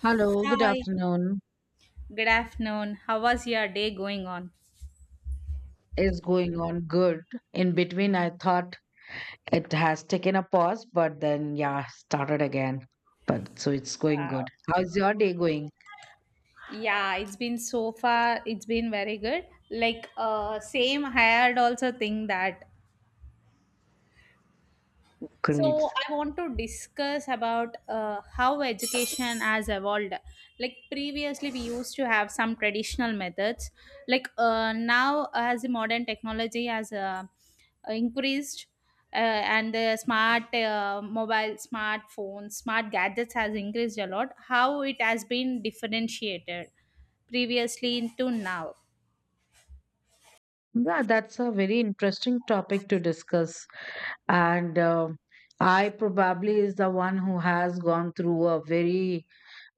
Hello, good Hi, afternoon. good afternoon. How was your day going on? Is going on good. In between, I thought it has taken a pause, but then, yeah, started again. But so it's going Wow. good. How's your day going? Yeah, it's been so far, it's been very good. Like, same, I had also think that So Great. I want to discuss about how education has evolved. Like previously, we used to have some traditional methods. Now, as the modern technology has increased, uh, and the smart mobile, smartphones, smart gadgets has increased a lot. How it has been differentiated previously into now. Yeah, that's a very interesting topic to discuss. And I probably is the one who has gone through a very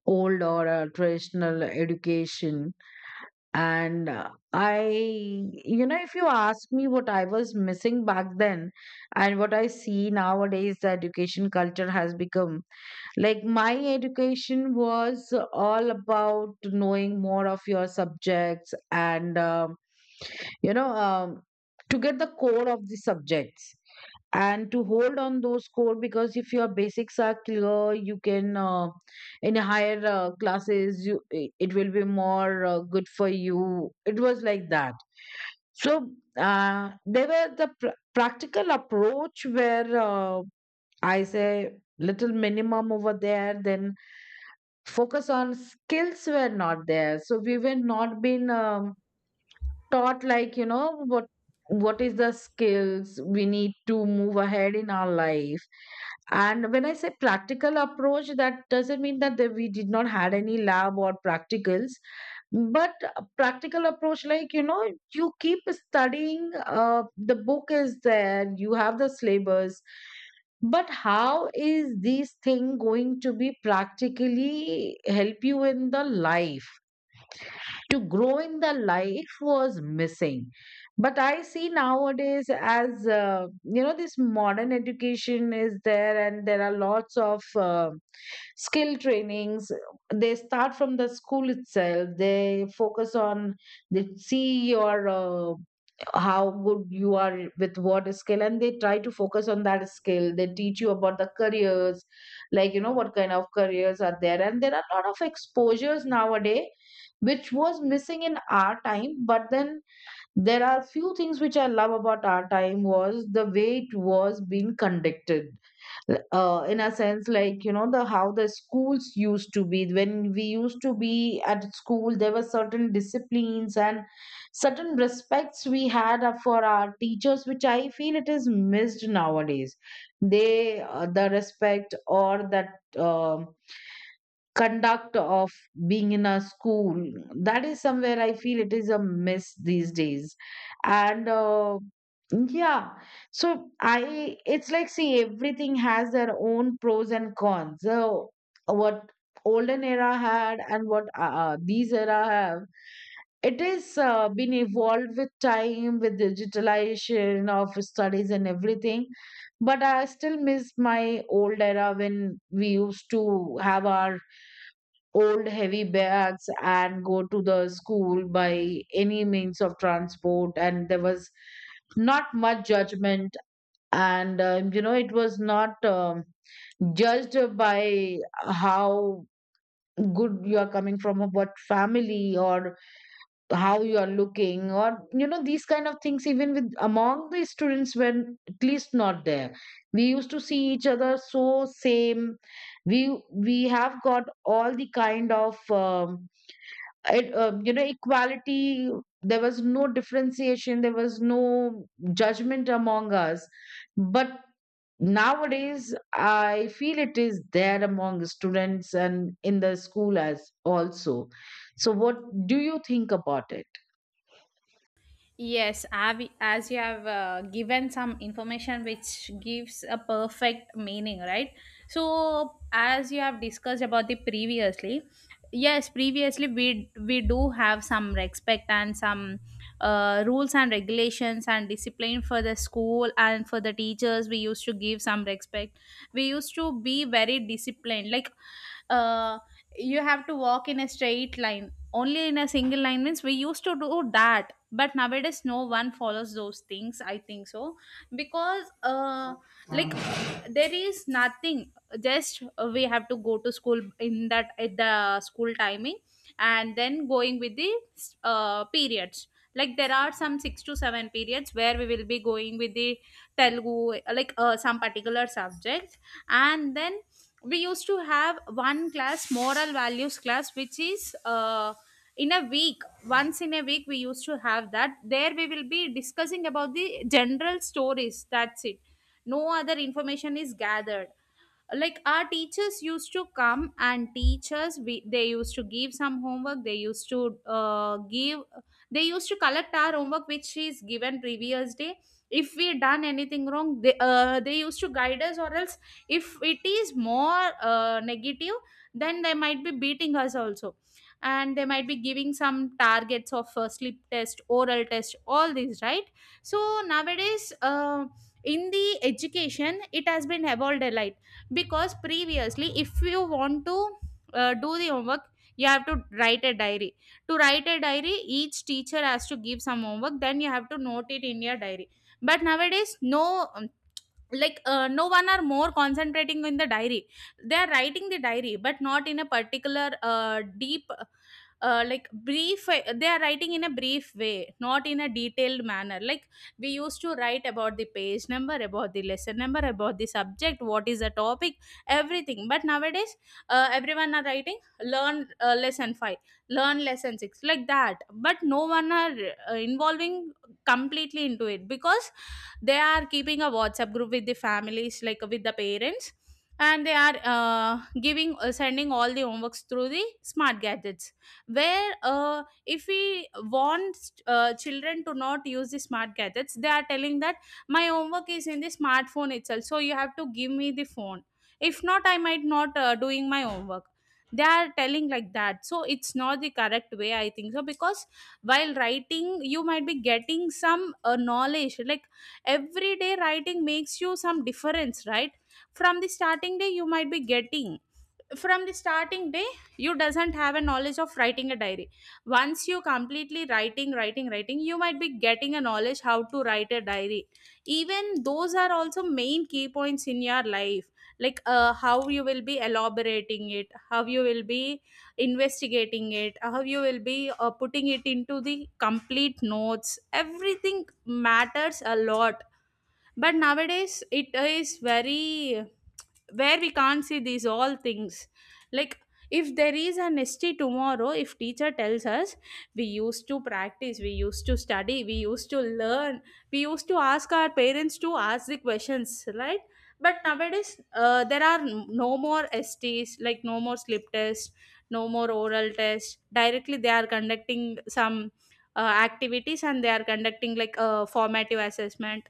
old or a traditional education. And I, you know, if you ask me what I was missing back then and what I see nowadays, the education culture has become. Like my education was all about knowing more of your subjects and, you know, to get the core of the subjects and to hold on those core because if your basics are clear you can in higher classes you it will be more good for you, it was like that. So there were the practical approach where I say little minimum over there, then focus on skills were not there. So we were not been taught like, you know, what is the skills we need to move ahead in our life. And when I say practical approach, that doesn't mean that we did not had any lab or practicals, but a practical approach, like, you know, you keep studying, the book is there, you have the syllabus, but how is this thing going to be practically help you in the life, to grow in the life was missing. But I see nowadays, as you know, this modern education is there and there are lots of uh, skill trainings. They start from the school itself. They focus on, they see your how good you are with what skill and they try to focus on that skill. They teach you about the careers, like, you know, what kind of careers are there, and there are a lot of exposures nowadays, which was missing in our time. But then there are few things which I love about our time, was the way it was being conducted, in a sense, like, you know, the how the schools used to be. When we used to be at school, there were certain disciplines and certain respects we had for our teachers, which I feel it is missed nowadays. They the respect or that conduct of being in a school, that is somewhere I feel it is a miss these days. And, yeah. So I it's like, see, everything has their own pros and cons. So what olden era had and what these era have, it is been evolved with time, with digitalization of studies and everything. But I still miss my old era, when we used to have our old heavy bags and go to the school by any means of transport, and there was not much judgment. And you know, it was not judged by how good you are coming from or what family, or how you are looking, or you know, these kind of things. Even with among the students, when at least not there, we used to see each other. So same, we we have got all the kind of you know, equality. There was no differentiation, there was no judgment among us. But nowadays I feel it is there among students and in the school as also. So what do you think about it? Yes, as you have given some information which gives a perfect meaning, right? So, as you have discussed about the previously, yes, previously we do have some respect and some rules and regulations and discipline for the school and for the teachers. We used to give some respect. We used to be very disciplined, like uh, you have to walk in a straight line. Only in a single line means we used to do that, but nowadays no one follows those things, I think so. Because like, there is nothing. Just we have to go to school in that at the school timing, and then going with the periods. Like there are some 6 to 7 periods where we will be going with the Telugu, some particular subject. And then we used to have one class, moral values class, which is in a week, once in a week we used to have that. There we will be discussing about the general stories, that's it. No other information is gathered. Like our teachers used to come and teach us, they used to give some homework, they used to give, they used to collect our homework which is given previous day. If we done anything wrong, they used to guide us, or else if it is more negative, then they might be beating us also. And they might be giving some targets of sleep test, oral test, all these, right? So nowadays in the education it has been evolved a lot, because previously if you want to do the homework, you have to write a diary. To write a diary, each teacher has to give some homework, then you have to note it in your diary. But nowadays no. No one are more concentrating in the diary. They are writing the diary, but not in a particular deep, like brief. They are writing in a brief way, not in a detailed manner. Like we used to write about the page number, about the lesson number, about the subject, what is the topic, everything. But nowadays everyone are writing learn lesson 5, learn lesson 6, like that. But no one are involving completely into it, because they are keeping a WhatsApp group with the families, like with the parents. And they are giving sending all the homeworks through the smart gadgets, where if we want children to not use the smart gadgets, they are telling that my homework is in the smartphone itself, so you have to give me the phone. If not, I might not doing my homework. They are telling like that. So it's not the correct way, I think so, because while writing you might be getting some knowledge. Like every day writing makes you some difference, right? From the starting day you might be getting, from the starting day you doesn't have a knowledge of writing a diary. Once you completely writing writing, you might be getting a knowledge how to write a diary. Even those are also main key points in your life. Like how you will be elaborating it, how you will be investigating it, how you will be putting it into the complete notes, everything matters a lot. But nowadays it is very, where we can't see these all things. Like if there is an S T tomorrow, if teacher tells us, we used to practice, we used to study, we used to learn, we used to ask our parents to ask the questions, right? But nowadays there are no more STs, like no more slip test, no more oral test. Directly they are conducting some activities, and they are conducting like a formative assessment,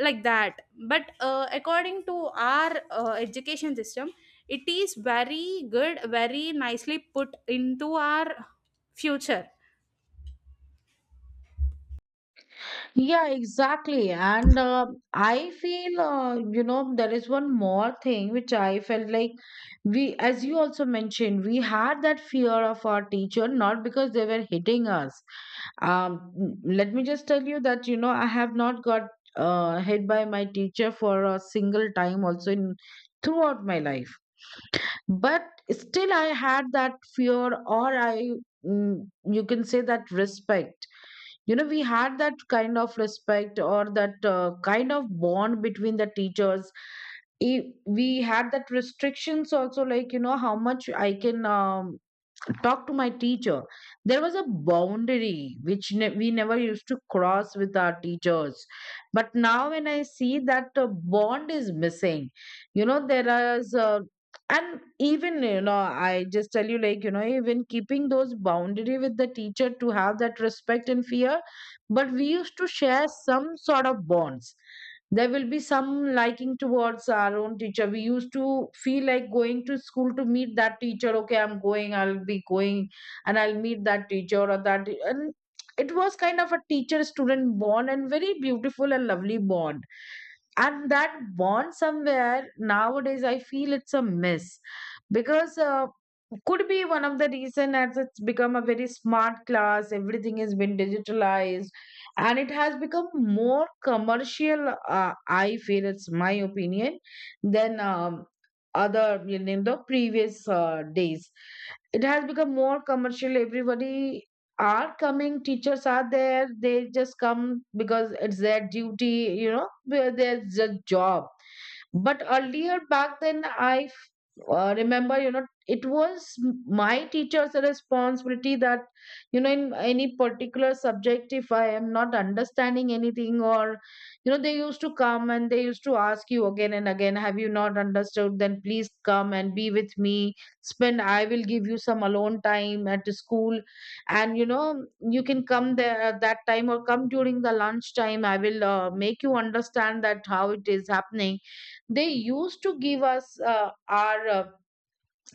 like that. But according to our education system, it is very good, very nicely put into our future. Yeah, exactly. And I feel, you know, there is one more thing which I felt like, we, as you also mentioned, we had that fear of our teacher, not because they were hitting us. Let me just tell you that, you know, I have not got hit by my teacher for a single time also in throughout my life. But still, I had that fear, or you can say that respect. You know, we had that kind of respect or that kind of bond between the teachers. We had that restrictions also, like, you know, how much I can talk to my teacher. There was a boundary which we never used to cross with our teachers. But now, when I see that bond is missing, you know, there is a, and even, you know, I just tell you, like, you know, even keeping those boundary with the teacher to have that respect and fear, but we used to share some sort of bonds. There will be some liking towards our own teacher. We used to feel like going to school to meet that teacher. Okay, I'm going, I'll be going, and I'll meet that teacher or that. And it was kind of a teacher student bond, and very beautiful and lovely bond. And that bond somewhere nowadays I feel it's a miss, because could be one of the reason, as it's become a very smart class, everything has been digitalized, and it has become more commercial, I feel, it's my opinion, than other, you know, the previous days. It has become more commercial. Everybody are coming, teachers are there, they just come because it's their duty, you know, where there's a job. But earlier back then, I remember, you know, it was my teacher's responsibility that, you know, in any particular subject, if I am not understanding anything, or you know, they used to come and they used to ask you again and again, have you not understood, then please come and be with me, spend, I will give you some alone time at the school. And you know, you can come there at that time, or come during the lunch time, I will make you understand that how it is happening. They used to give us our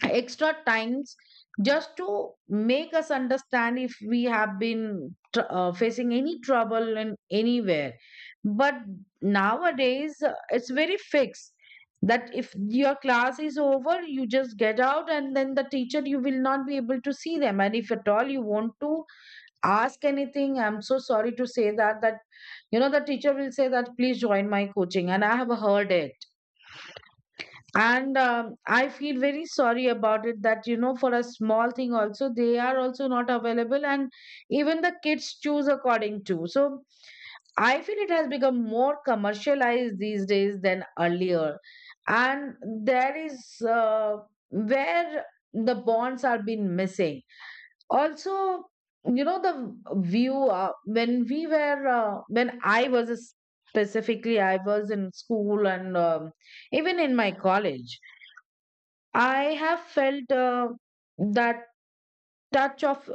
extra times, just to make us understand if we have been facing any trouble in anywhere. But nowadays it's very fixed, that if your class is over, you just get out, and then the teacher, you will not be able to see them. And if at all you want to ask anything, I'm so sorry to say that, that you know, the teacher will say that please join my coaching, and I have heard it. And I feel very sorry about it, that you know, for a small thing also they are also not available, and even the kids choose according to. So I feel it has become more commercialized these days than earlier. And there is uh, where the bonds are been missing also. You know the view when we were when I was, specifically I was in school, and even in my college, I have felt that touch of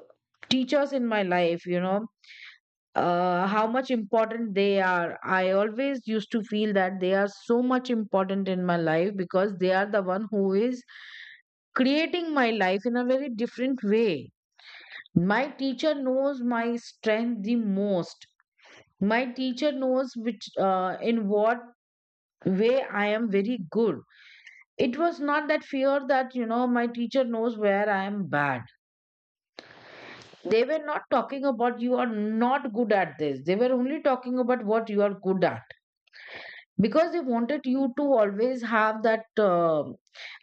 teachers in my life, you know, how much important they are. I always used to feel that they are so much important in my life because they are the one who is creating my life in a very different way. My teacher knows my strength the most. My teacher knows which in what way I am very good. It was not that fear that, you know, my teacher knows where I am bad. They were not talking about you are not good at this. They were only talking about what you are good at, because they wanted you to always have that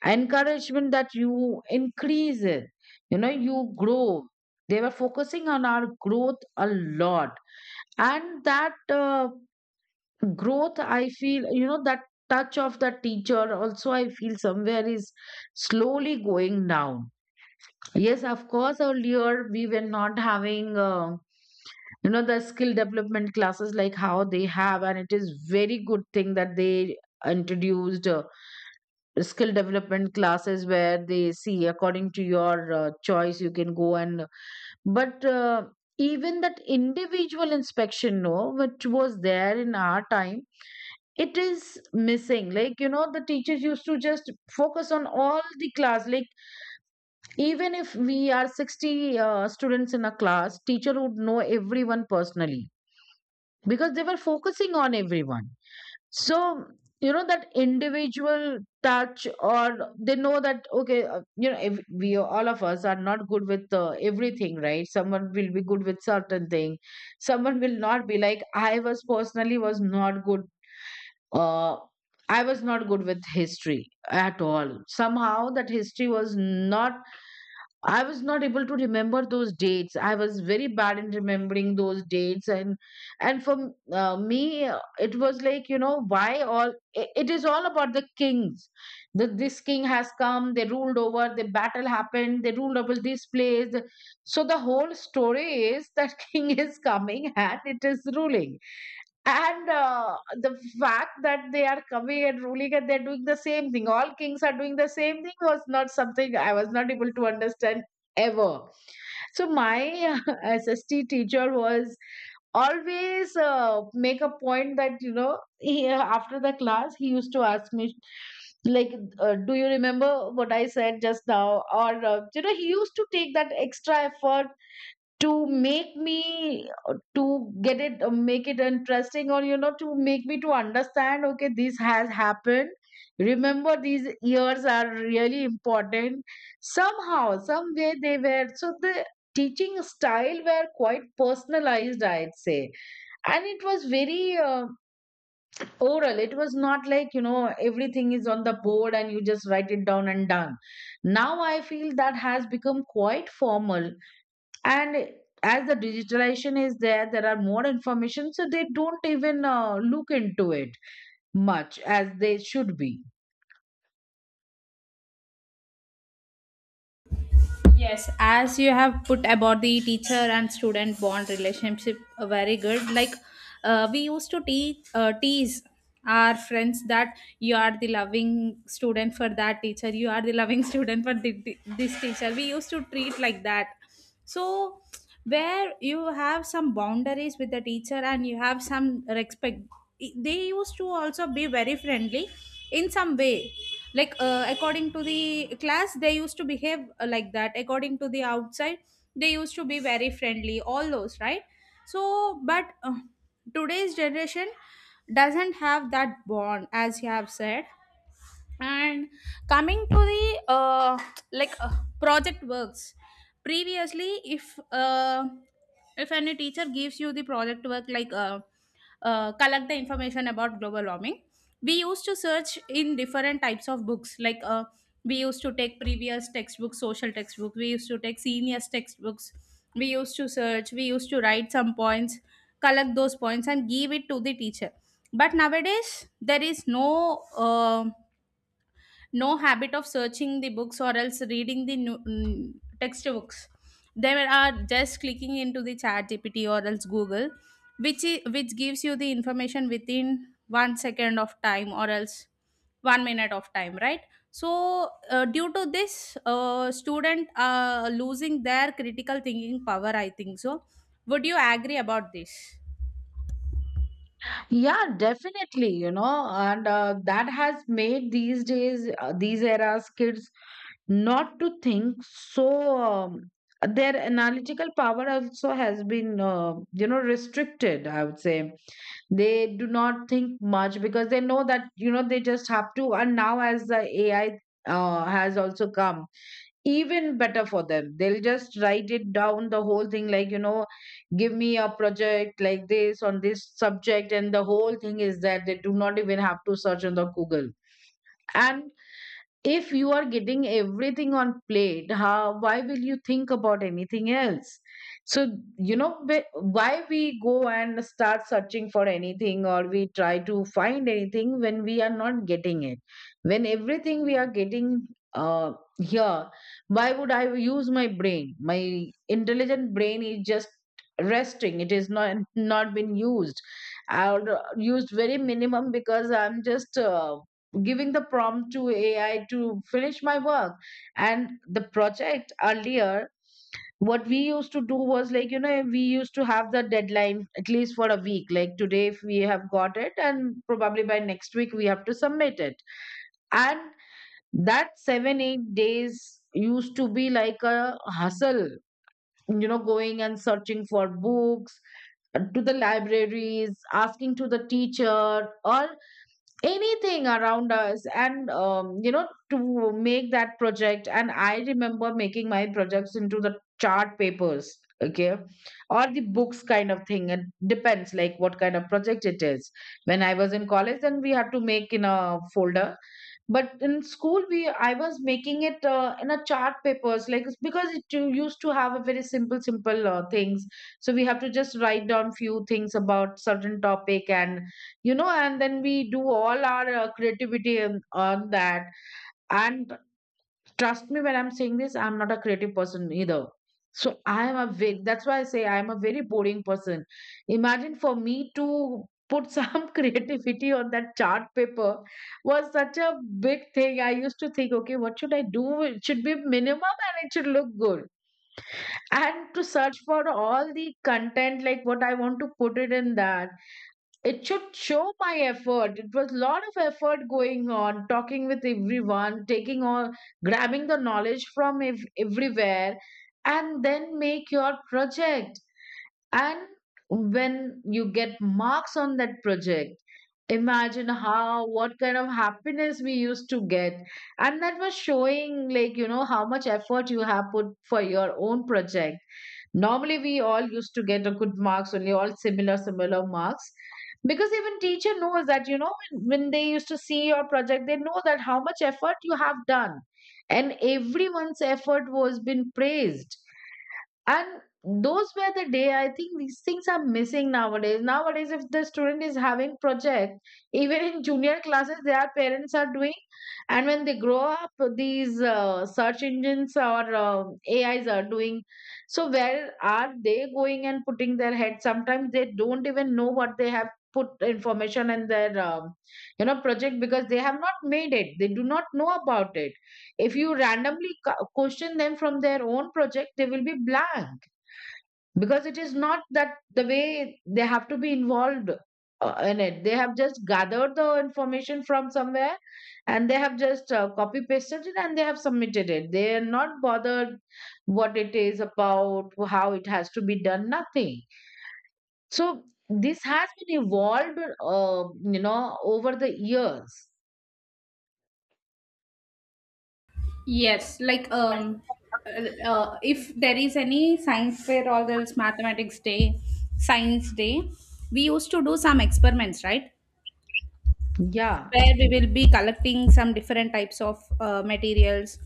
encouragement that you increase it, you know, you grow. They were focusing on our growth a lot. And that growth, I feel, you know, that touch of the teacher also, I feel somewhere is slowly going down. Yes, of course, earlier we were not having. You know, the skill development classes like how they have, and it is very good thing that they introduced skill development classes where they see according to your choice you can go and but even that individual inspection no, which was there in our time, it is missing. Like you know, the teachers used to just focus on all the class, like even if we are 60 students in a class, teacher would know everyone personally, because they were focusing on everyone. So, you know, that individual touch, or they know that, okay, you know, if we all of us are not good with everything, right? Someone will be good with certain thing. Someone will not be, like, I was personally was not good. Uh, I was not good with history at all. Somehow that history was not, I was not able to remember those dates. I was very bad in remembering those dates, and for me, it was like, you know, why all it is all about the kings. That this king has come, they ruled over, the battle happened, they ruled over this place. So the whole story is that king is coming and it is ruling, and the fact that they are coming and ruling and they're doing the same thing, all kings are doing the same thing, was not something I was not able to understand ever. So my SST teacher was always, make a point that you know, he, after the class he used to ask me, like, do you remember what I said just now, or you know, he used to take that extra effort to make me, to get it, make it interesting, or you know, to make me to understand, okay, this has happened. Remember these years are really important somehow, some way they were. So the teaching style were quite personalized, I'd say, and it was very oral. It was not like, you know, everything is on the board and you just write it down and done. Now I feel that has become quite formal. And as the digitalization is there, there are more information, so they don't even look into it much as they should be. Yes, as you have put about the teacher and student bond relationship, very good. Like we used to teach tease our friends that you are the loving student for that teacher, you are the loving student for this teacher, we used to treat like that. So where you have some boundaries with the teacher and you have some respect, they used to also be very friendly in some way. Like according to the class they used to behave like that, according to the outside they used to be very friendly, all those, right? So but today's generation doesn't have that bond, as you have said. And coming to the like uh, project works, previously, if any teacher gives you the project work, collect the information about global warming, we used to search in different types of books. We used to take previous textbooks, social textbook, we used to take seniors textbooks, we used to search, we used to write some points, collect those points and give it to the teacher. But nowadays there is no no habit of searching the books, or else reading the new, textbooks. They are just clicking into the chat gpt or else Google, which gives you the information within one second of time, or else one minute of time, right? So due to this student losing their critical thinking power, I think so. Would you agree about this? Yeah, definitely, you know. And that has made these days, these eras kids not to think so. um, their analytical power also has been, you know, restricted, I would say. They do not think much because they know that, you know, they just have to. And now as the AI has also come, even better for them. They'll just write it down, the whole thing, like, you know, give me a project like this on this subject, and the whole thing is that they do not even have to search on the Google. And if you are getting everything on plate, how, why will you think about anything else? So you know, why we go and start searching for anything, or we try to find anything, when we are not getting it. When everything we are getting uh here, why would I use my brain? My intelligent brain is just resting. It is not, not been used. I used very minimum because I'm just giving the prompt to AI to finish my work. And the project earlier, what we used to do was like, you know, we used to have the deadline at least for a week. Like today, if we have got it, and probably by next week, we have to submit it. And that 7, 8 days used to be like a hustle, you know, going and searching for books, to the libraries, asking to the teacher, or anything around us. And you know, to make that project. And I remember making my projects into the chart papers, okay, or the books kind of thing. It depends, like, what kind of project it is. When I was in college, then we had to make in a folder. But in school we I was making it in a chart papers, like, it's because it you used to have a very simple simple things. So we have to just write down few things about certain topic, and you know, and then we do all our creativity on that. And trust me when I'm saying this, I'm not a creative person either. So I am a very, that's why I say I am a very boring person. Imagine for me to put some creativity on that chart paper was such a big thing. I used to think, okay, what should I do? It should be minimum and it should look good. And to search for all the content, like what I want to put it in that, it should show my effort. It was a lot of effort going on, talking with everyone, taking all, grabbing the knowledge from everywhere, and then make your project. And when you get marks on that project, imagine how, what kind of happiness we used to get. And that was showing, like, you know, how much effort you have put for your own project. Normally, we all used to get a good marks, only all similar, similar marks. Because even teacher knows that, you know, when they used to see your project, they know that how much effort you have done. And everyone's effort was been praised. And those were the day, I think these things are missing nowadays. Nowadays, if the student is having project, even in junior classes, their parents are doing. And when they grow up, these search engines or AIs are doing. So where are they going and putting their head? Sometimes they don't even know what they have put information in their, you know, project because they have not made it, they do not know about it. If you randomly question them from their own project, they will be blank because it is not that the way they have to be involved in it. They have just gathered the information from somewhere, and they have just copy pasted it, and they have submitted it. They are not bothered what it is about, how it has to be done, nothing. So this has been evolved, uh, you know, over the years. Yes, if there is any science fair, or else mathematics day, science day, we used to do some experiments, right? Yeah. Where we will be collecting some different types of materials.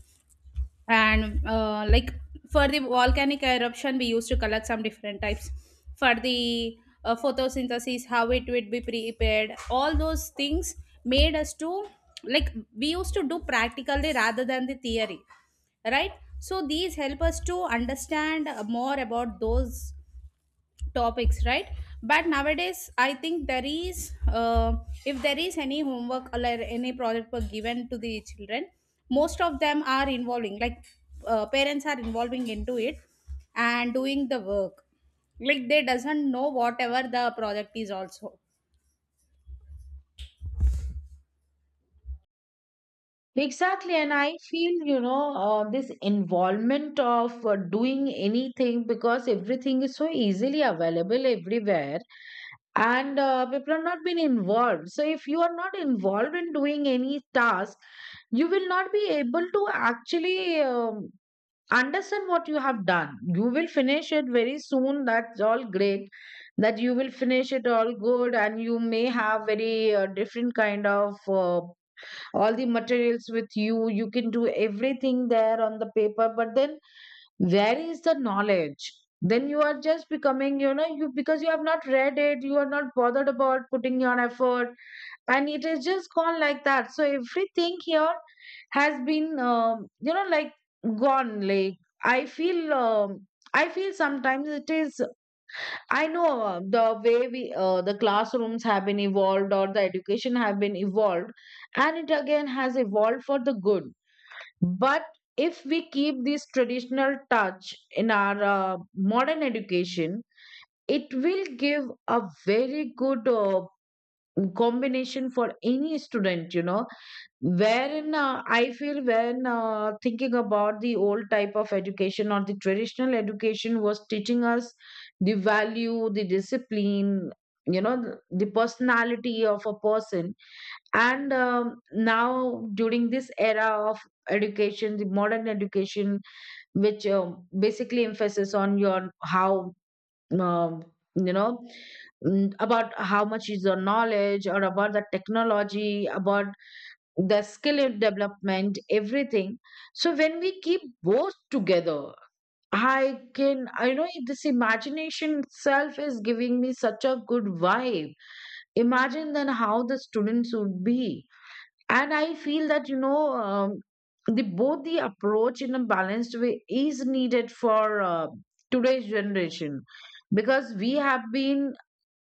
And like for the volcanic eruption we used to collect some different types, for the photosynthesis how it would be prepared, all those things made us to, like, we used to do practically rather than the theory, right? So these help us to understand more about those topics, right? But nowadays I think there is if there is any homework or like any project work given to the children, most of them are involving, like parents are involving into it and doing the work, like they doesn't know whatever the project is also. Exactly, and I feel, you know, this involvement of doing anything because everything is so easily available everywhere, and people are not being involved. So, if you are not involved in doing any task, you will not be able to actually, understand what you have done. You will finish it very soon. That's all great. That you will finish it all good, and you may have very different kind of. All the materials with you can do everything there on the paper, but then where is the knowledge? Then you are just becoming, you know, you because you have not read it, you are not bothered about putting your effort, and it is just gone like that. So everything here has been, you know, like, gone, like, i feel um, I feel sometimes it is. I know, the way we the classrooms have been evolved or the education have been evolved, and it again has evolved for the good. But if we keep this traditional touch in our modern education, it will give a very good combination for any student. You know, wherein I feel when thinking about the old type of education, or the traditional education was teaching us the value, the discipline, you know, the personality of a person. And now during this era of education, the modern education, which basically emphasis on your how, um, you know, about how much is your knowledge, or about the technology, about the skill in development, everything. So when we keep both together, I know this imagination itself is giving me such a good vibe. Imagine then how the students would be. And I feel that, you know, the both the approach in a balanced way is needed for today's generation. Because we have been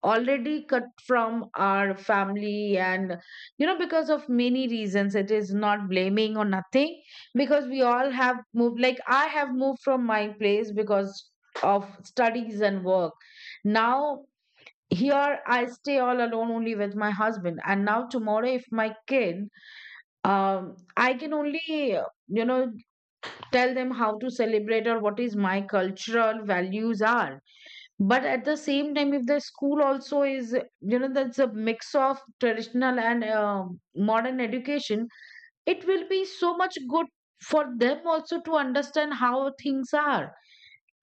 already cut from our family, and you know, because of many reasons, it is not blaming or nothing. Because we all have moved, like, I have moved from my place because of studies and work. Now here I stay all alone, only with my husband. And now tomorrow if my kid, I can only, you know, tell them how to celebrate or what is my cultural values are. But at the same time, if the school also is, you know, that's a mix of traditional and modern education, it will be so much good for them also to understand how things are.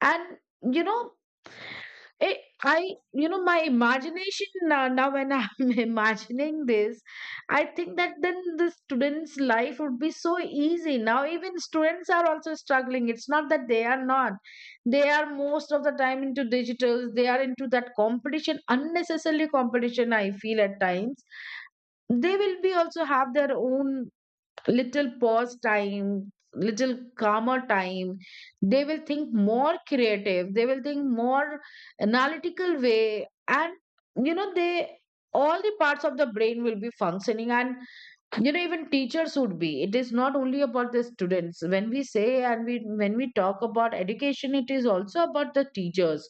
And, you know, it, I, you know, my imagination now, now when I'm imagining this, I think that then the students' life would be so easy. Now, even students are also struggling. It's not that they are not. They are most of the time into digitals. They are into that competition, unnecessarily competition, I feel at times. They will be also have their own little pause time, little calmer time. They will think more creative, they will think more analytical way. And you know, they, all the parts of the brain will be functioning. And you know, even teachers would be. It is not only about the students when we say, and we when we talk about education, it is also about the teachers.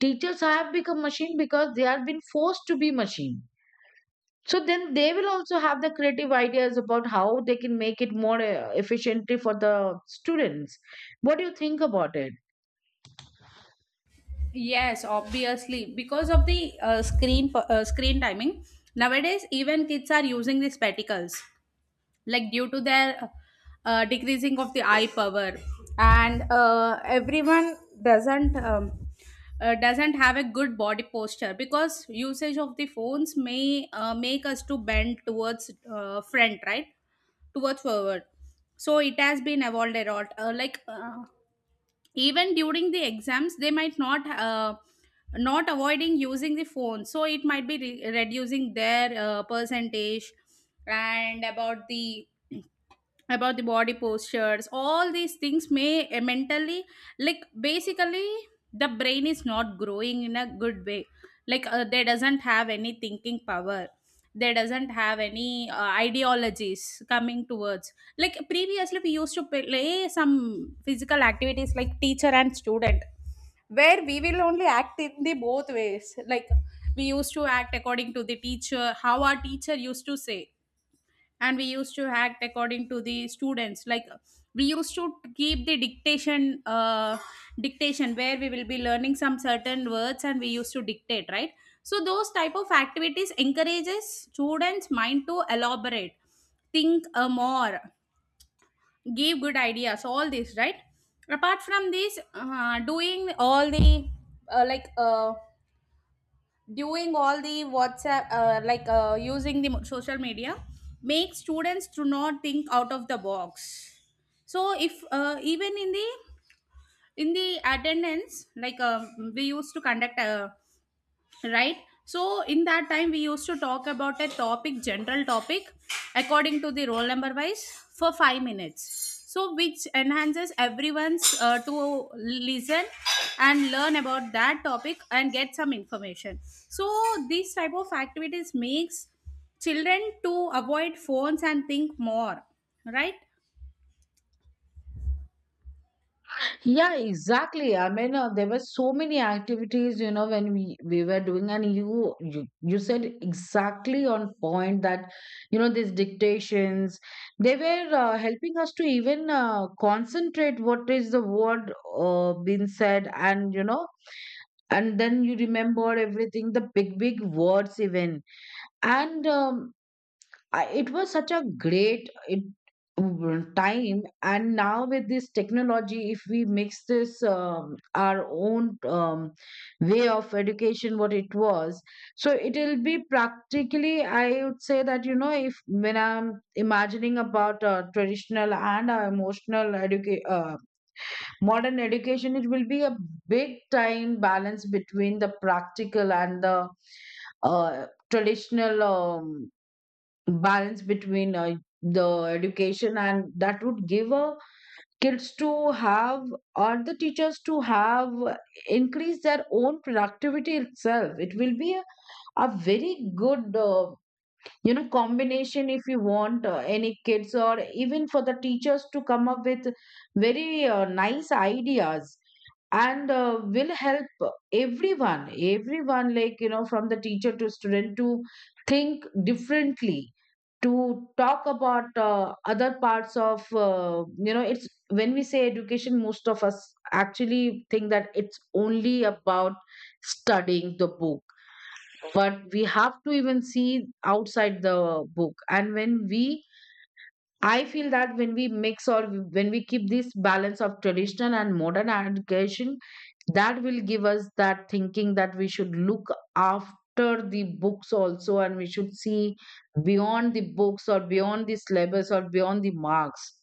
Teachers have become machine because they have been forced to be machine. So then they will also have the creative ideas about how they can make it more efficiently for the students. What do you think about it? Yes, obviously, because of the screen timing. Nowadays, even kids are using these spectacles, like due to their decreasing of the eye power. And everyone doesn't um, doesn't have a good body posture, because usage of the phones may make us to bend towards front, right, towards forward. So it has been evolved a lot, even during the exams they might not not avoiding using the phone, so it might be reducing their percentage. And about the About the body postures, all these things may mentally, like basically, the brain is not growing in a good way. Like they doesn't have any thinking power, they doesn't have any ideologies coming towards. Like previously we used to play some physical activities, like teacher and student, where we will only act in the both ways. Like we used to act according to the teacher, how our teacher used to say, and we used to act according to the students. Like we used to keep the dictation, where we will be learning some certain words and we used to dictate, right? So those type of activities encourages students mind to elaborate, think more, give good ideas, all this, right? Apart from this, uh, like uh, doing all the WhatsApp, using the social media, makes students to not think out of the box. So if even in the attendance, we used to conduct right. So in that time we used to talk about a topic, general topic, according to the roll number wise, for 5 minutes, so which enhances everyone's to listen and learn about that topic and get some information. So these type of activities makes children to avoid phones and think more, right? Yeah, exactly. I mean, there were so many activities, you know, when we were doing, and you said exactly on point that, you know, these dictations, they were helping us to even concentrate what is the word being said, and you know, and then you remember everything, the big big words even. And I, it was such a great it, time. And now with this technology, if we mix this, our own, way of education, what it was. So it'll be practically, I would say that, you know, if when I'm imagining about traditional and modern education, it will be a big time balance between the practical and the traditional, balance between the education. And that would give kids to have, or the teachers to have, increase their own productivity itself. It will be a very good, you know, combination if you want any kids, or even for the teachers to come up with very nice ideas. And will help everyone, like you know, from the teacher to student, to think differently, to talk about other parts of, you know. It's when we say education, most of us actually think that it's only about studying the book, but we have to even see outside the book. And when we I feel that when we mix or when we keep this balance of traditional and modern education, that will give us that thinking that we should look after the books also, and we should see beyond the books or beyond the syllabus or beyond the marks.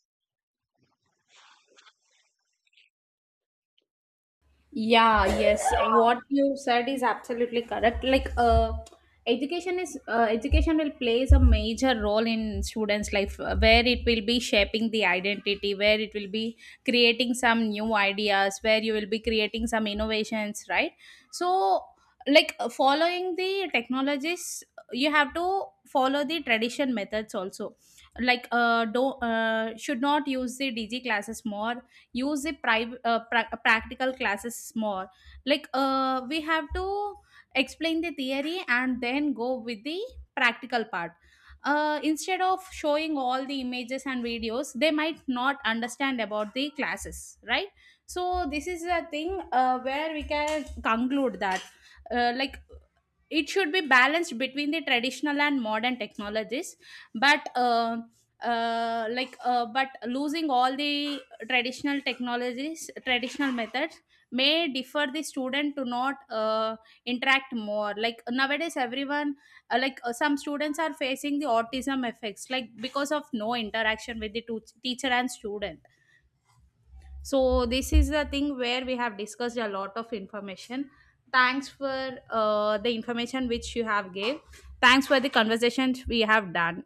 Yeah, yes. What you said is absolutely correct. Like, education is, education will plays a major role in students' life, where it will be shaping the identity, where it will be creating some new ideas, where you will be creating some innovations, right? So, following the technologies, you have to follow the tradition methods also. Like, do should not use the DG classes more, use the practical classes more. Like we have to explain the theory and then go with the practical part, instead of showing all the images and videos they might not understand about the classes, right? So this is a thing where we can conclude that, uh, like it should be balanced between the traditional and modern technologies. But but losing all the traditional technologies, traditional methods, may defer the student to not interact more. Like nowadays everyone, some students are facing the autism effects, like because of no interaction with the teacher and student. So this is the thing where we have discussed a lot of information. Thanks for the information which you have gave. Thanks for the conversation we have done.